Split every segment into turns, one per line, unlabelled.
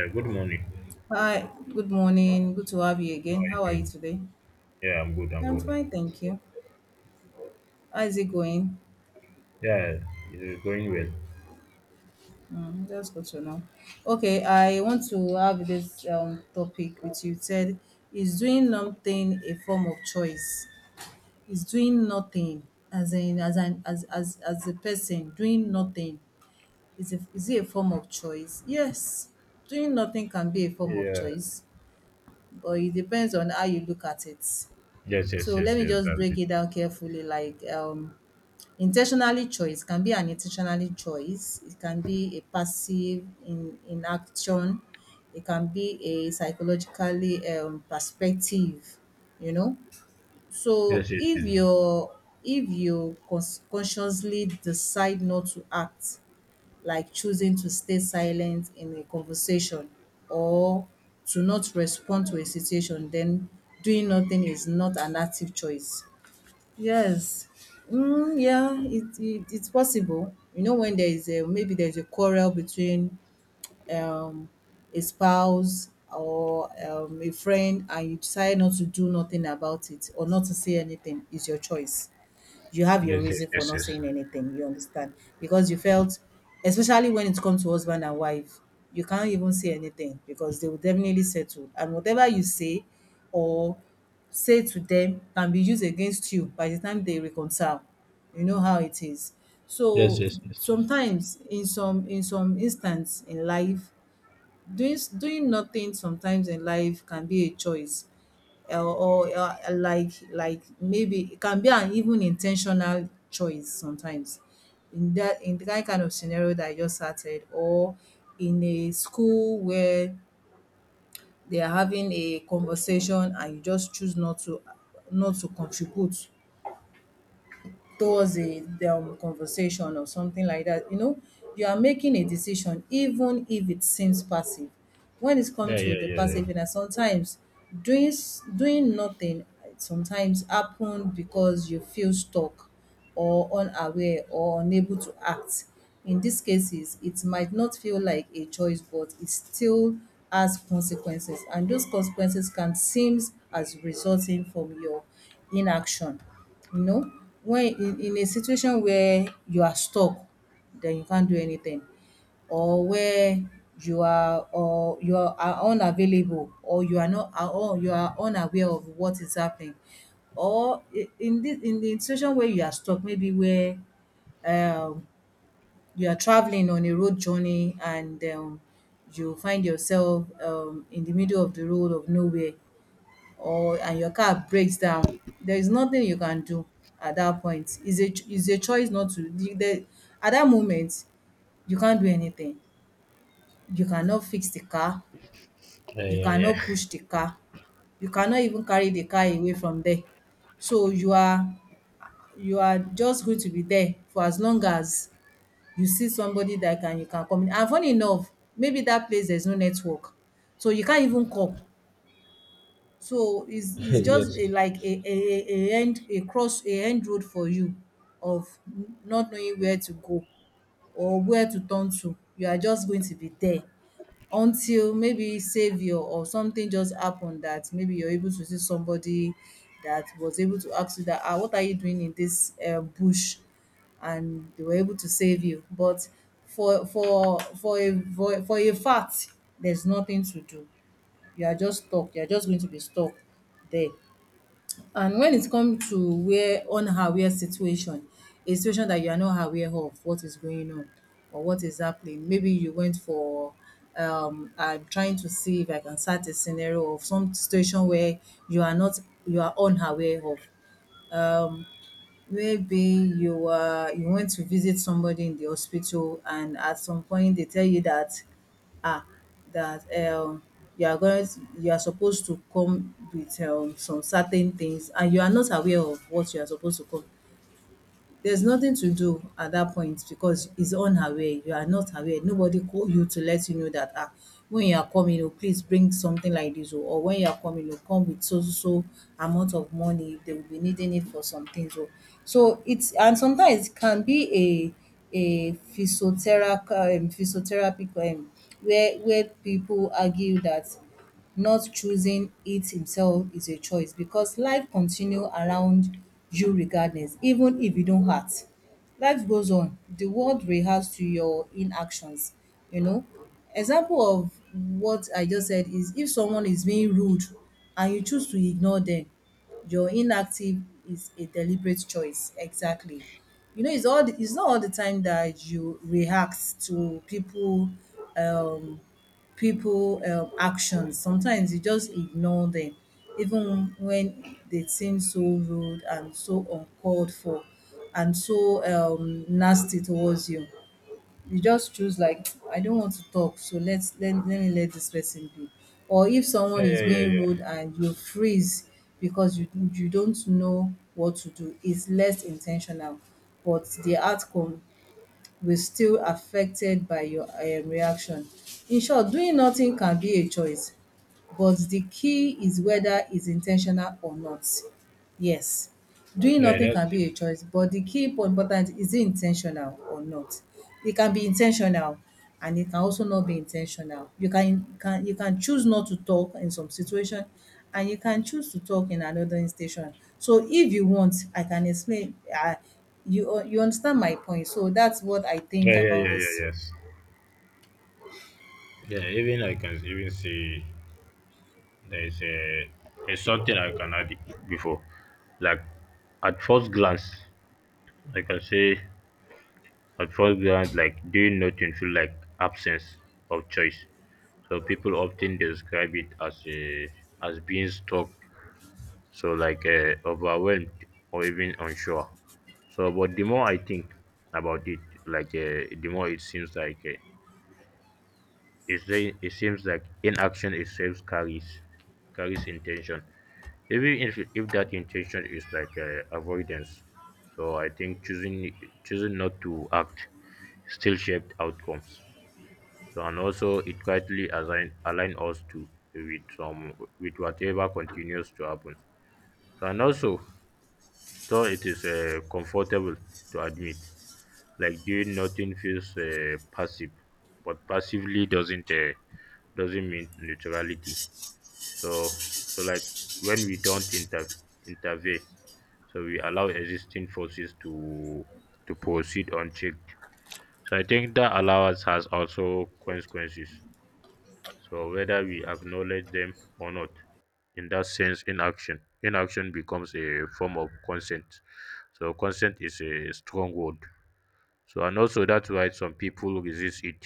Yeah, good morning.
Hi, good morning. Good to have you
How are
again.
you
How are you
doing?
today?
Yeah, I'm good. I'm
I'm
good.
fine, thank you. How is it going?
Yeah, it's going well.
Mm, that's good to know. Okay, I want to have this topic with you. It said, is doing nothing a form of choice? Is doing nothing as in as an as a person doing nothing is it a form of choice? Yes, doing nothing can be a form of
Yeah.
choice, but it depends on how you look at it.
Yes,
So
yes,
let
yes,
me
yes.
just
That's
break
it.
it down carefully, like intentionally choice can be an intentionally choice. It can be a passive in inaction. It can be a psychologically perspective, you know. So
Yes, yes,
if
yes.
you if you consciously decide not to act, like choosing to stay silent in a conversation or to not respond to a situation, then doing nothing is not an active choice. Yes. Mm, yeah, it's possible. You know, when there is a maybe there's a quarrel between, um, a spouse, or a friend, and you decide not to do nothing about it or not to say anything. It's your choice, you have your
Yes, yes,
reason for
yes,
not
yes.
saying anything, you understand? Because you felt, especially when it comes to husband and wife, you can't even say anything because they will definitely settle. And whatever you or say to them can be used against you by the time they reconcile. You know how it is.
Yes,
So
yes, yes, yes.
sometimes in some instance in life, doing nothing sometimes in life can be a choice, or like maybe it can be an even intentional choice sometimes, in that in the kind of scenario that I just started, or in a school where they are having a conversation and you just choose not to contribute towards a conversation, or something like that. You are making a decision, even if it seems passive. When it's come
Yeah, yeah,
to the
yeah, yeah.
passive, and sometimes doing nothing sometimes happen because you feel stuck, or unaware, or unable to act. In these cases it might not feel like a choice, but it still has consequences, and those consequences can seem as resulting from your inaction, you know. When in a situation where you are stuck, then you can't do anything, or where you are, or you are unavailable, or you are not, or you are unaware of what is happening. Or in this in the situation where you are stuck, maybe where um you are traveling on a road journey, and you find yourself in the middle of the road of nowhere, or and your car breaks down, there is nothing you can do at that point. It's a choice not to the at that moment, you can't do anything. You cannot fix the car,
Yeah,
you
yeah,
cannot push the car, you cannot even carry the car away from there. So you are just going to be there for as long as you see somebody that can you can communi and funny enough, maybe that place there's no network, so you can't even call. So it's
yeah.
it's just a
Yes.
like a end a cross a end road for you of not knowing where to go or where to turn to. You are just going to be there until maybe savior or something just happen, that maybe you're able to see somebody that was able to ask you that, what are you doing in this bush, and they were able to save you. But for a fact, there's nothing to do. You are just stuck, you are just going to be stuck there. And when it come to where unaware situation, a situation that you are not aware of what is going on or what is happening, maybe you went for, I'm trying to see if I can start a scenario of some situation where you are not, you are unaware of. Um, Maybe you were you went to visit somebody in the hospital, and at some point they tell you that, ah that um you are supposed to come with some certain things, and you are not aware of what you are supposed to come. There's nothing to do at that point, because it's unaware. You are not aware. Nobody call you to let you know that, when you are coming, oh, please bring something like this, oh, or when you are coming, oh, come with so so so amount of money if they will be needing it for some things, oh. So it's and sometimes it can be a physiotherapy, physiotherapy, um where people argue that not choosing it himself is a choice, because life continue around you regardless. Even if you don't act, life goes on, the world reacts to your inactions you know Example of what I just said is, if someone is being rude and you choose to ignore them, your inactive is a deliberate choice. Exactly. It's not all the time that you react to people. um People actions, sometimes you just ignore them, even when they seem so rude and so uncalled for and so nasty towards you. You just choose like, I don't want to talk, so let me let this person be. Or if
Yeah,
someone is
yeah, yeah,
being rude
yeah.
and you freeze because you don't know what to do, it's less intentional, but the outcome will still affected by your reaction. In short, doing nothing can be a choice, but the key is whether it's intentional or not. Yes, doing
Yeah,
nothing
that's
can
it.
be a choice, but the key po important is, it intentional or not? It can be intentional, and it can also not be intentional. You can choose not to talk in some situation, and you can choose to talk in another instation. So if you want, I can explain. You understand my point. So that's what I think
Yeah, yeah,
about
yeah,
this.
yeah, yes. Yeah, even I can even see there is a there's something I can add before. Like, at first glance, I can say at first glance, like doing nothing feel like absence of choice. So people often describe it as being stuck, so like overwhelmed or even unsure. So, but the more I think about it, the more it seems like. It seems like inaction itself carries intention, even if that intention is like avoidance. So I think choosing not to act still shaped outcomes. So and also it quietly assign align us to with some with whatever continues to happen. So and also, though it is comfortable to admit, like doing nothing feels passive, but passively doesn't mean neutrality. So like, when we don't intervene, so we allow existing forces to proceed unchecked. So I think that allowance has also consequences, so whether we acknowledge them or not, in that sense, inaction becomes a form of consent. So consent is a strong word, so and also that's why some people resist it.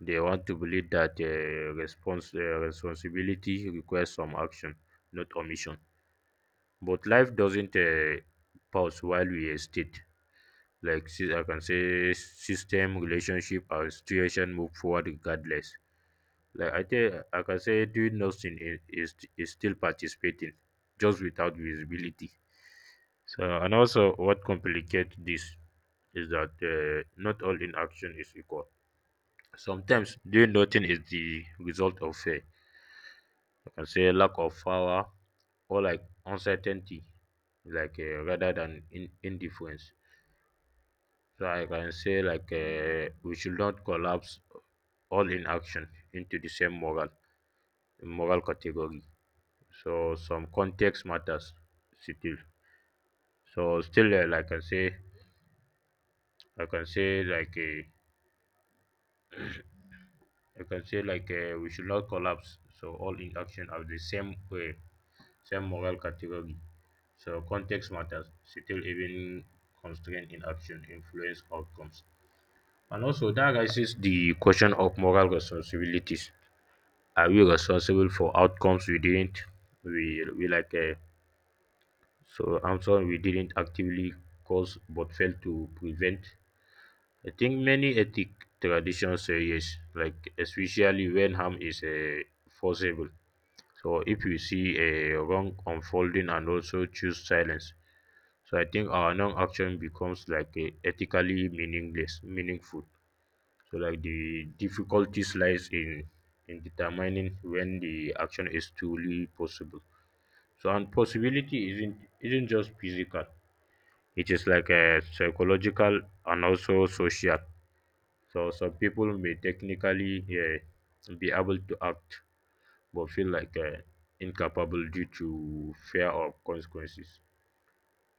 They want to believe that response responsibility requires some action, not omission. But life doesn't pause while we hesitate. Like, I can say, system, relationship, or situation move forward regardless. Like, I think I can say, doing nothing is still participating, just without visibility. So and also, what complicates this is that not all inaction is equal. Sometimes doing nothing is the result of fear. I can say lack of power or like uncertainty, rather than indifference. So I can say, like, we should not collapse all inaction into the same moral category. So some context matters still. So still, like I say, I can say like a, I can say like, we should not collapse. So all in action are the same way, same moral category. So context matters. Still, even constraint in action influence outcomes. And also, that raises the question of moral responsibilities. Are we responsible for outcomes we didn't, we like, so I'm sorry, we didn't actively cause but failed to prevent? I think many ethic traditions say yes, like especially when harm is forcible. So if we see a wrong unfolding and also choose silence, so I think our non-action becomes like, ethically meaningful. So like the difficulties lies in determining when the action is truly possible. So and possibility isn't just physical. It is like a psychological and also social. So some people may technically be able to act but feel like, incapable due to fear of consequences.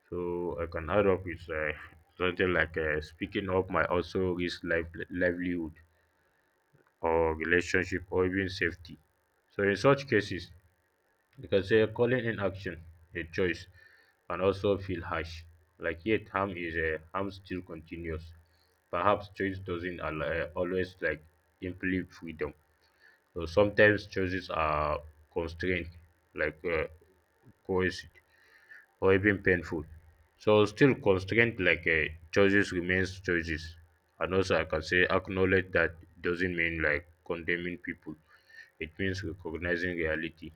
So I can add up with, something like, speaking up might also risk life, livelihood, or relationship, or even safety. So in such cases, you can say calling in action a choice can also feel harsh. Like, yet harm still continues. Perhaps choice doesn't always imply freedom. So sometimes choices are constrained, like, coercive, or even painful. So still constrained, like, choices remains choices. And also, I can say acknowledge that doesn't mean like condemning people. It means recognizing reality.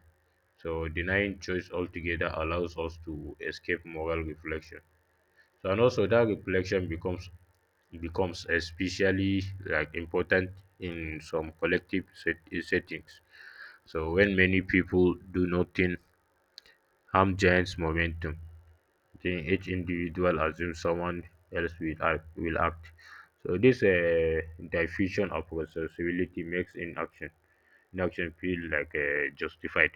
So denying choice altogether allows us to escape moral reflection. So and also, that reflection becomes especially like important in some collective settings. So when many people do nothing, harm gains momentum. Then each individual assumes someone else will act. So this, diffusion of responsibility makes inaction feel like, justified.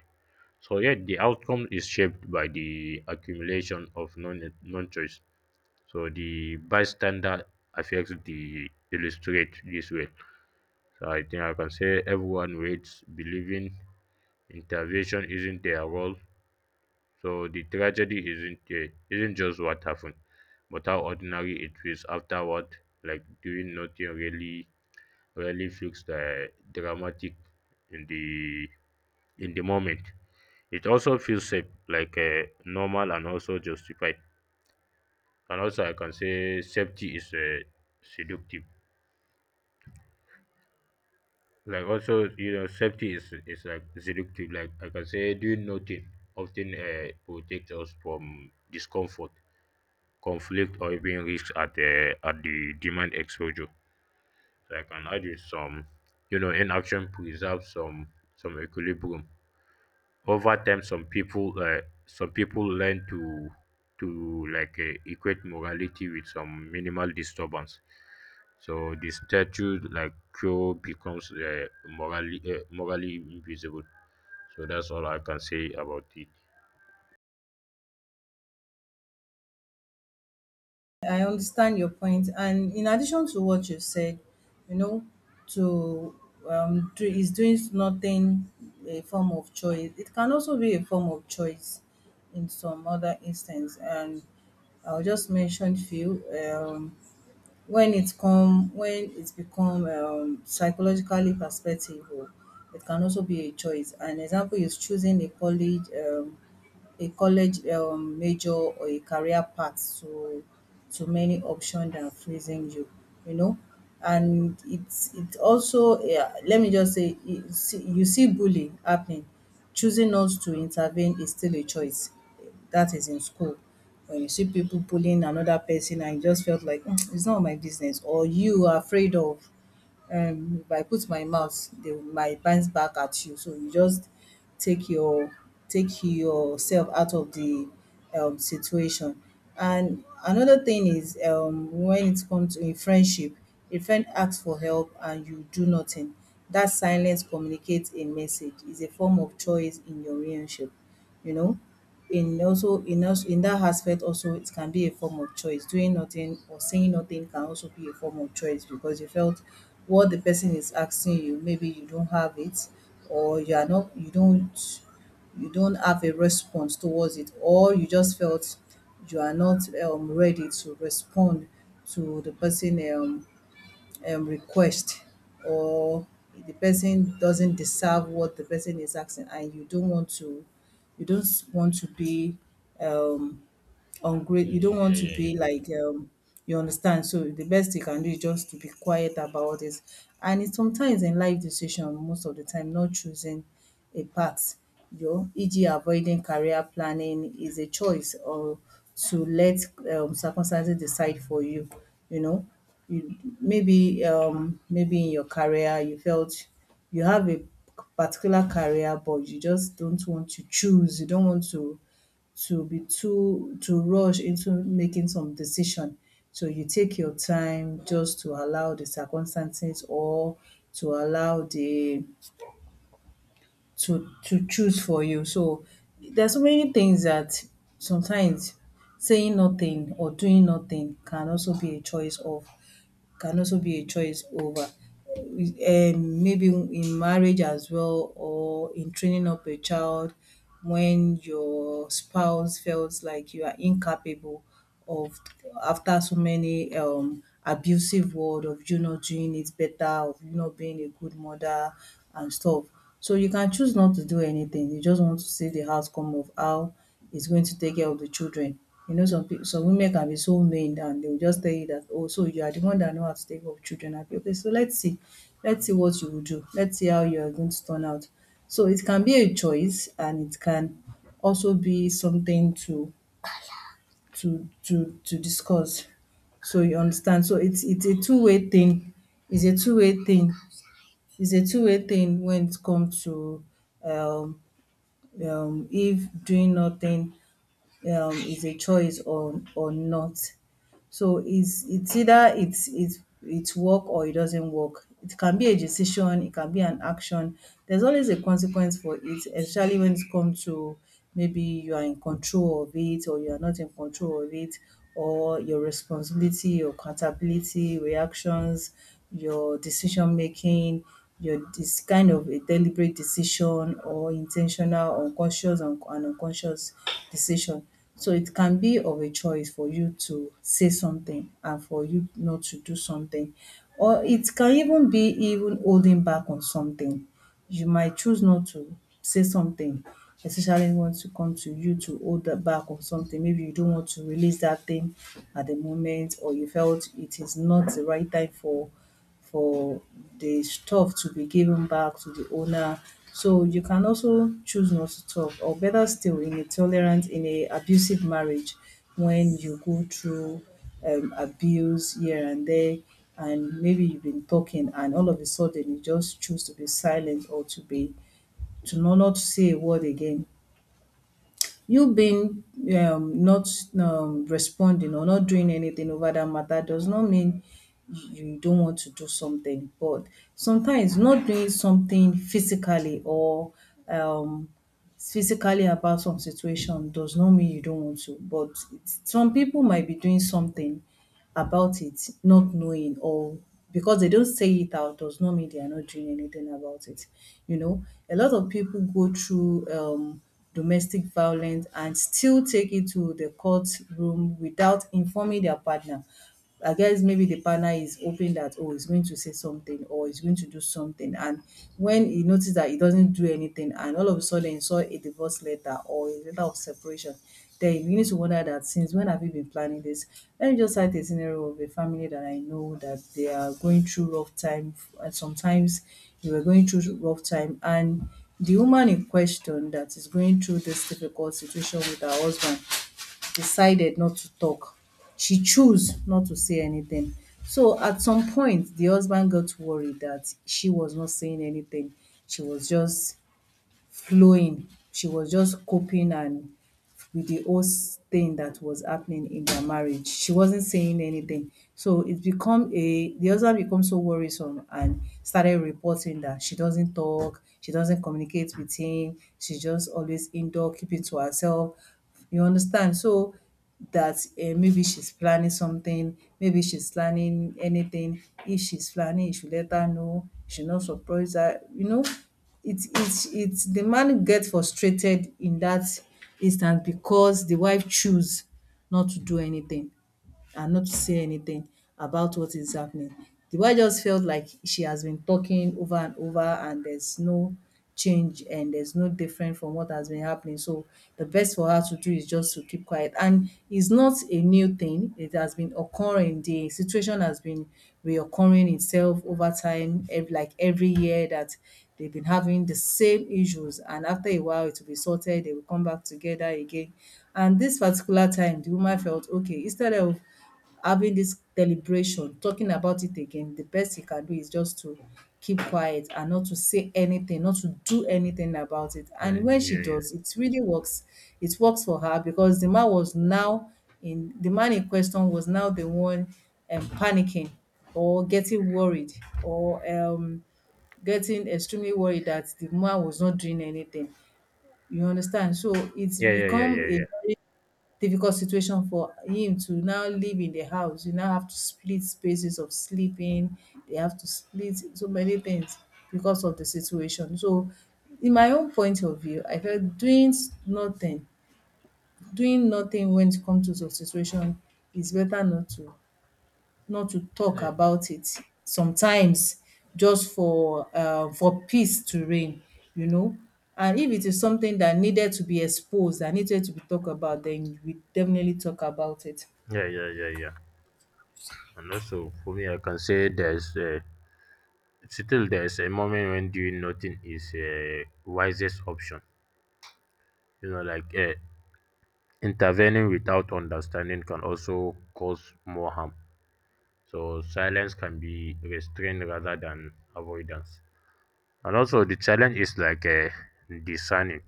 So yet the outcome is shaped by the accumulation of non choice. So the bystander affects the illustrate this way. So I think I can say everyone waits believing intervention isn't their role. So the tragedy isn't just what happened, but how ordinary it feels afterward. Like doing nothing really feels the dramatic in the in the moment. It also feels safe, like, normal and also justified. And also, I can say safety is, seductive. Like also, safety is like seductive. Like I can say doing nothing often, protects us from discomfort, conflict, or even risk at the demand exposure. So I can add in some, inaction preserves some equilibrium. Over time, some people learn to like, equate morality with some minimal disturbance. So the statue like cure becomes, morally invisible. So that's all I can say about it.
I understand your point, and in addition to what you said, you know, to is doing nothing a form of choice? It can also be a form of choice in some other instance, and I'll just mention few. When it's become psychologically perspective, oh, it can also be a choice. An example is choosing a college. A college major, or a career path to many options than freezing you, you know. And it also, yeah, let me just say, you see bullying happening. Choosing not to intervene is still a choice. That is in school. When you see people bullying another person and you just felt like, "Mm, it's not my business," or you are afraid of, if I put my mouth, they might bite back at you, so you just take your take yourself out of the situation. And another thing is, when it comes to in friendship, a friend asks for help and you do nothing. That silence communicates a message, is a form of choice in your relationship you know in also in us in that aspect also, it can be a form of choice. Doing nothing or saying nothing can also be a form of choice, because you felt what the person is asking you, maybe you don't have it, or you are not, you don't have a response towards it. Or you just felt you are not ready to respond to the person request. Or the person doesn't deserve what the person is asking, and you don't want to be um on great,
Yeah,
you
yeah,
don't want
yeah,
to
yeah,
be
yeah,
like, you understand. So the best you can do is just to be quiet about it. And it's sometimes in life decision, most of the time not choosing a path, you know, e.g. avoiding career planning is a choice, or to let circumstances decide for you know you. Maybe in your career you felt you have a particular career, but you just don't want to choose, you don't want to be too to rush into making some decision. So you take your time just to allow the circumstances, or to allow the to choose for you. So there's so many things that sometimes saying nothing or doing nothing can also be a choice of, can also be a choice over, maybe in marriage as well or in training up a child when your spouse feels like you are incapable of, after so many abusive word of you not doing it better, of you not being a good mother and stuff. So you can choose not to do anything, you just want to see the outcome of how is going to take care of the children. You know, some women can be so mean and they will just tell you that, "Oh, so you are the one that know how to take care of children." Abi, okay, so let's see. Let's see what you will do. Let's see how you are going to turn out. So it can be a choice, and it can also be something to to discuss. So you understand? So it's a two-way thing. It's a two-way thing. It's a two-way thing when it comes to, um if doing nothing is a choice or not. So it's either it's work or it doesn't work. It can be a decision, it can be an action. There's always a consequence for it, especially when it comes to maybe you are in control of it or you are not in control of it, or your responsibility, your accountability, reactions, your decision making, your this kind of a deliberate decision or intentional, unconscious and unconscious decision. So it can be of a choice for you to say something and for you not to do something, or it can even be even holding back on something. You might choose not to say something, especially when it come to you to hold that back on something. Maybe you don't want to release that thing at the moment, or you felt it is not the right time for for the stuff to be given back to the owner. So you can also choose not to talk, or better still, in a tolerant, in a abusive marriage, when you go through abuse here and there, and maybe you've been talking, and all of a sudden you just choose to be silent or to be, to not say a word again. You being not responding or not doing anything over that matter does not mean you don't want to do something. But sometimes not doing something physically or, um, physically about some situation does not mean you don't want to. Some people might be doing something about it not knowing, or because they don't say it out does not mean they are not doing anything about it. You know, a lot of people go through domestic violence and still take it to the courtroom without informing their partner. I guess maybe the partner is hoping that, oh, he's going to say something or he's going to do something. And when he noticed that he doesn't do anything and all of a sudden he saw a divorce letter or a letter of separation, then he begins to wonder that since when have you been planning this? Let me just cite a scenario of a family that I know that they are going through rough time, and sometimes they were going through rough time, and the woman in question that is going through this difficult situation with her husband decided not to talk. She chose not to say anything. So at some point, the husband got worried that she was not saying anything. She was just flowing. She was just coping and with the whole thing that was happening in their marriage. She wasn't saying anything. So it become a, the husband become so worrisome and started reporting that she doesn't talk, she doesn't communicate with him, she just always indoor, keeping to herself, you understand? So that maybe she's planning something, maybe she's planning anything. If she's planning, you should let her know. You should not surprise her. You know, it's the man gets frustrated in that instance because the wife choose not to do anything and not to say anything about what is happening. The wife just felt like she has been talking over and over, and there's no change and there's no different from what has been happening. So the best for her to do is just to keep quiet. And it's not a new thing. It has been occurring. The situation has been reoccurring itself over time, like every year that they've been having the same issues. And after a while, it will be sorted, they will come back together again. And this particular time, the woman felt, okay, instead of having this deliberation, talking about it again, the best he can do is just to keep quiet and not to say anything, not to do anything about it.
yeah,
And when she
yeah, yeah,
does, it really works. It works for her because the man in question was now the one panicking or getting worried, or getting extremely worried that the man was not doing anything. You understand? So it's
yeah, yeah, yeah,
become a
yeah.
very difficult situation for him to now live in the house. You now have to split spaces of sleeping. They have to split so many things because of the situation. So in my own point of view, I felt nothing, doing nothing when it comes to the situation is better, not to not to talk
Yeah, yeah.
about it. Sometimes just for peace to reign, you know. And if it is something that needed to be exposed, that needed to be talked about, then we definitely talk about it.
Yeah, yeah, yeah, yeah. And also for me, I can say there's still there's a moment when doing nothing is a wisest option. You know, like, intervening without understanding can also cause more harm. So silence can be restrained rather than avoidance. And also the challenge is like, discerning.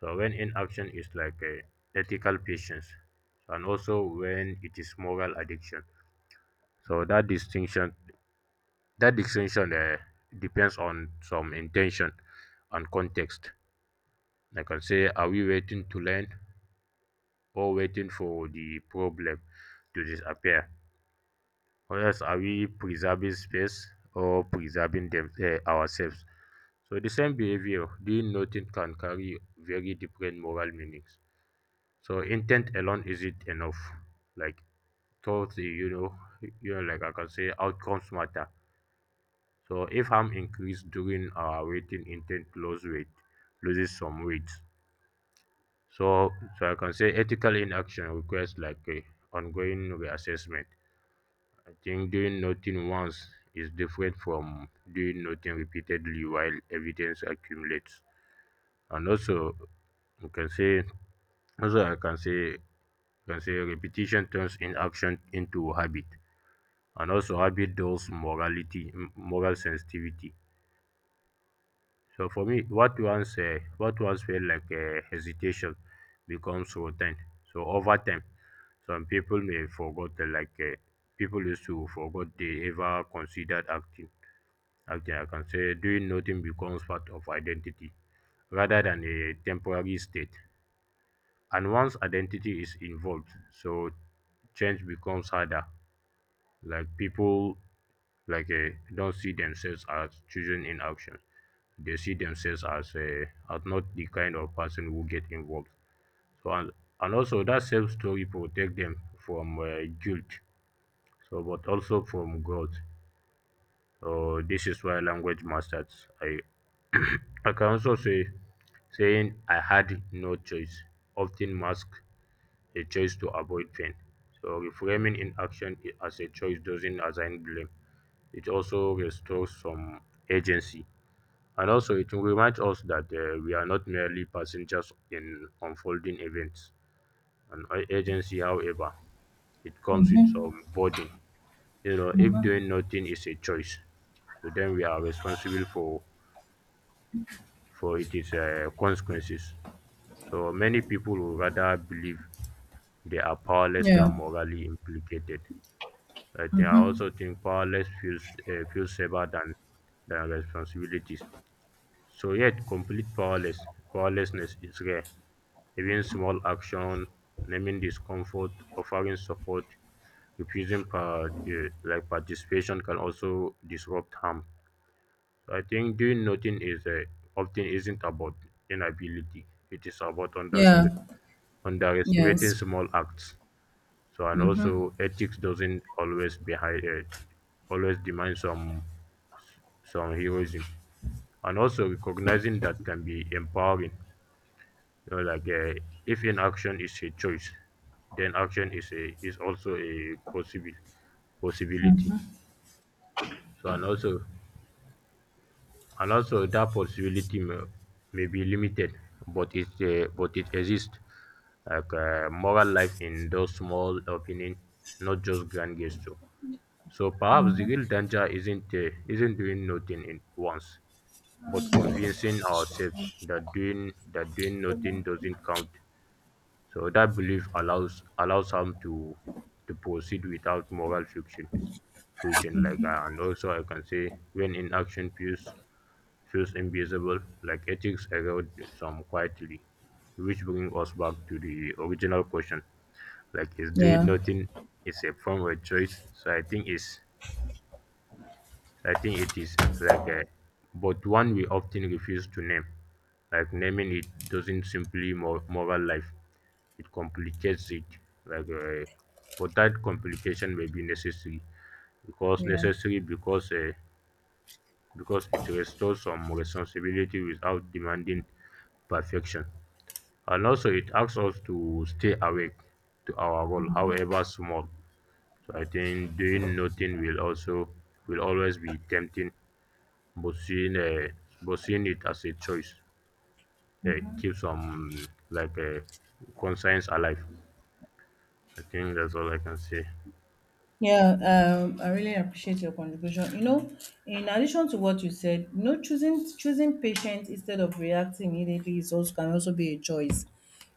So when inaction is like, ethical patience, and also when it is moral addiction. So that distinction depends on some intention and context. Like I can say, are we waiting to learn or waiting for the problem to disappear? Or else, are we preserving space or preserving ourselves? So the same behavior, doing nothing, can carry very different moral meanings. So intent alone isn't enough. Like, thoughts, eh, you know, like I can say, outcomes matter. So if harm increase during our waiting, intent loses some weight. So I can say ethical inaction requires like a ongoing reassessment. I think doing nothing once is different from doing nothing repeatedly while evidence accumulates. And also, you can say also I can say repetition turns inaction into habit. And also habit dulls moral sensitivity. So for me, what once felt like a hesitation becomes routine. So over time, some people may forgot the like people used to forgot they ever considered acting. Acting, I can say, doing nothing becomes part of identity rather than a temporary state. And once identity is involved, so change becomes harder. Like people, don't see themselves as children in action; they see themselves as not the kind of person who get involved. So and also that self story protect them from, guilt, so but also from growth. So this is why language masters I I can also say saying I had no choice often masks a choice to avoid pain. So reframing inaction, as a choice, doesn't assign blame; it also restores some agency. And also, it reminds us that, we are not merely passengers in unfolding events. And agency, however, it comes with some burden. You know, if doing nothing is a choice, so then we are responsible for its, consequences. So many people would rather believe they are powerless
Yeah.
than morally implicated. I also think powerless feels, feels safer than responsibilities. So yet complete powerlessness is rare. Even small action, naming discomfort, offering support, refusing like participation, can also disrupt harm. So I think doing nothing is often isn't about inability. It is about
Yeah.
underestimating
Yes.
small acts. So and
Mhm.
also ethics doesn't always demand some heroism. And also recognizing that can be empowering. You know, like, if inaction is a choice, then action is also a possible possibility. So and also that possibility may be limited, but it exists. Like, moral life in those small opening, not just grand gesture. So perhaps the real danger isn't doing nothing in once, but convincing ourselves that doing nothing doesn't count. So that belief allows some to proceed without moral friction, like, and also I can say when inaction feels invisible, like ethics erode some quietly, which brings us back to the original question, like, is doing
Yeah.
nothing is a form of choice. So I think it is but one we often refuse to name. Like naming it doesn't simply moral life; it complicates it. Like, but that complication may be necessary, because
Yeah.
necessary because uh, because it restores some responsibility without demanding perfection, and also it asks us to stay awake to our role, however small. So I think doing nothing will also will always be tempting, but seeing it as a choice, keeps, like, conscience alive. I think that's all I can say.
Yeah, I really appreciate your contribution. You know, in addition to what you said, you know, choosing patience instead of reacting immediately is also, can also be a choice.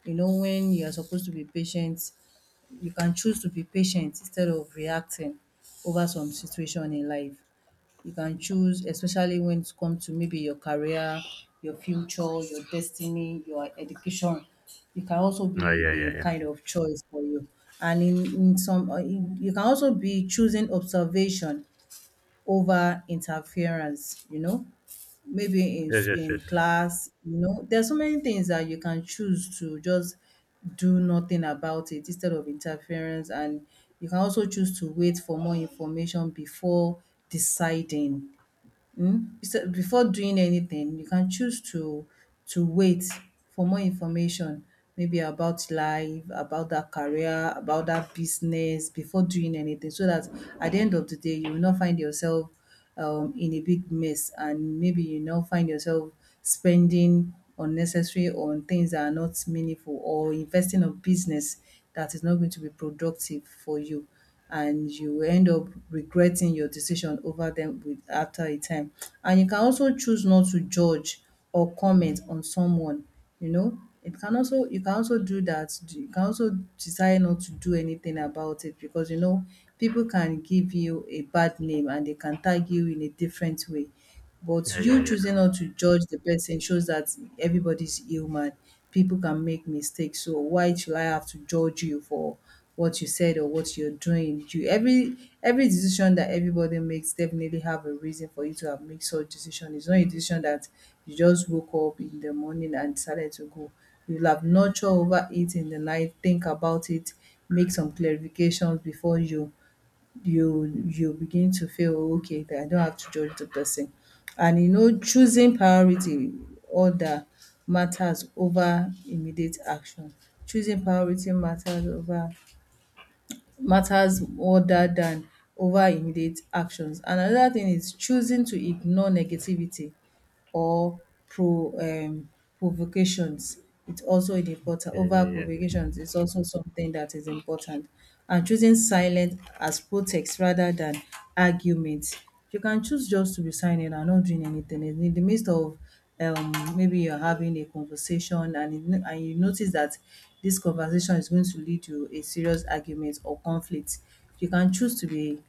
You know, when you are supposed to be patient, you can choose to be patient instead of reacting over some situation in life. You can choose, especially when it comes to maybe your career, your future, your destiny, your education. It can also
Ah,
be
yeah, yeah,
a
yeah.
kind of choice for you. And you can also be choosing observation over interference, you know, maybe
Yes, yes,
in
yes.
class, you know, there's so many things that you can choose to just do nothing about it instead of interference. And you can also choose to wait for more information before deciding. Mm, so before doing anything, you can choose to wait for more information, maybe about life, about that career, about that business before doing anything, so that at the end of the day, you will not find yourself in a big mess, and maybe you now find yourself spending unnecessary on things that are not meaningful or investing on business that is not going to be productive for you, and you end up regretting your decision over them with after a time. And you can also choose not to judge or comment on someone, you know. It can also, you can also do that. You can also decide not to do anything about it because you know people can give you a bad name and they can tag you in a different way. But
Yeah, yeah,
you
yeah.
choosing not to judge the person shows that everybody's human. People can make mistakes. So why should I have to judge you for what you said or what you're doing? You, every decision that everybody makes definitely have a reason for you to have made such decision. It's not a decision that you just woke up in the morning and decided to go. You'll have nurture over it in the night, think about it, make some clarifications before you begin to feel okay that I don't have to judge the person. And you know, choosing priority order matters over immediate action. Choosing priority matters over matters order than over immediate actions. And another thing is choosing to ignore negativity or pro um, provocations. It's also an
Yeah,
important
yeah,
over
yeah, yeah.
provocations, is also something that is important. And choosing silence as protest rather than argument. You can choose just to be silent and not doing anything. And in the midst of, maybe you're having a conversation, and you notice that this conversation is going to lead to a serious argument or conflict, you can choose to be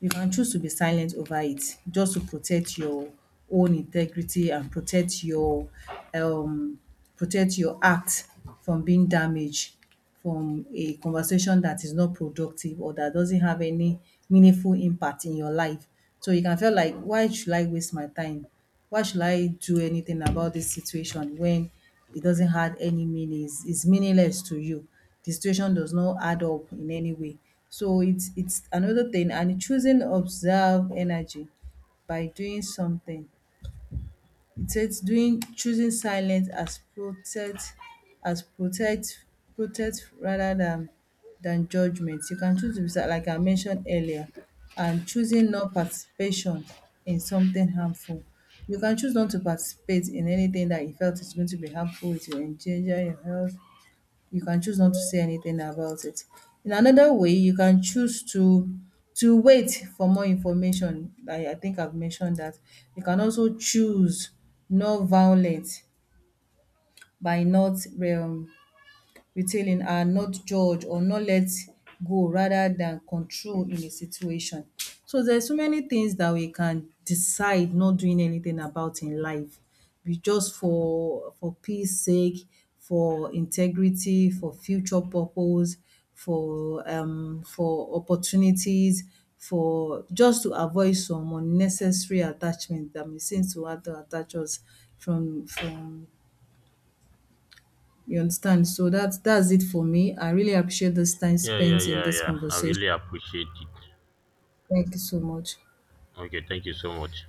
you can choose to be silent over it just to protect your own integrity and um protect your act from being damaged from a conversation that is not productive or that doesn't have any meaningful impact in your life. So you can feel like, why should I waste my time? Why should I do anything about this situation when it doesn't have any meaning? It's meaningless to you, the situation does not add up in any way. So it's another thing, and choosing observe energy by doing something. It says doing choosing silence as protect as protect protect rather than judgment. You can choose to be like I mentioned earlier, and choosing not participation in something harmful. You can choose not to participate in anything that you felt is going to be harmful to you, endanger your health. You can choose not to say anything about it. In another way, you can choose to wait for more information. I think I've mentioned that. You can also choose non-violent by not retailing, are not judge or not let go rather than control in a situation. So there's so many things that we can decide not doing anything about in life. We just for peace sake, for integrity, for future purpose, for opportunities, for just to avoid some unnecessary attachment that may seem to want to attach us from, you understand? So that's it for me. I really appreciate this time
Yeah, yeah,
spent in
yeah,
this
yeah. I
conversation.
really appreciate it.
Thank you so much.
Okay, thank you so much.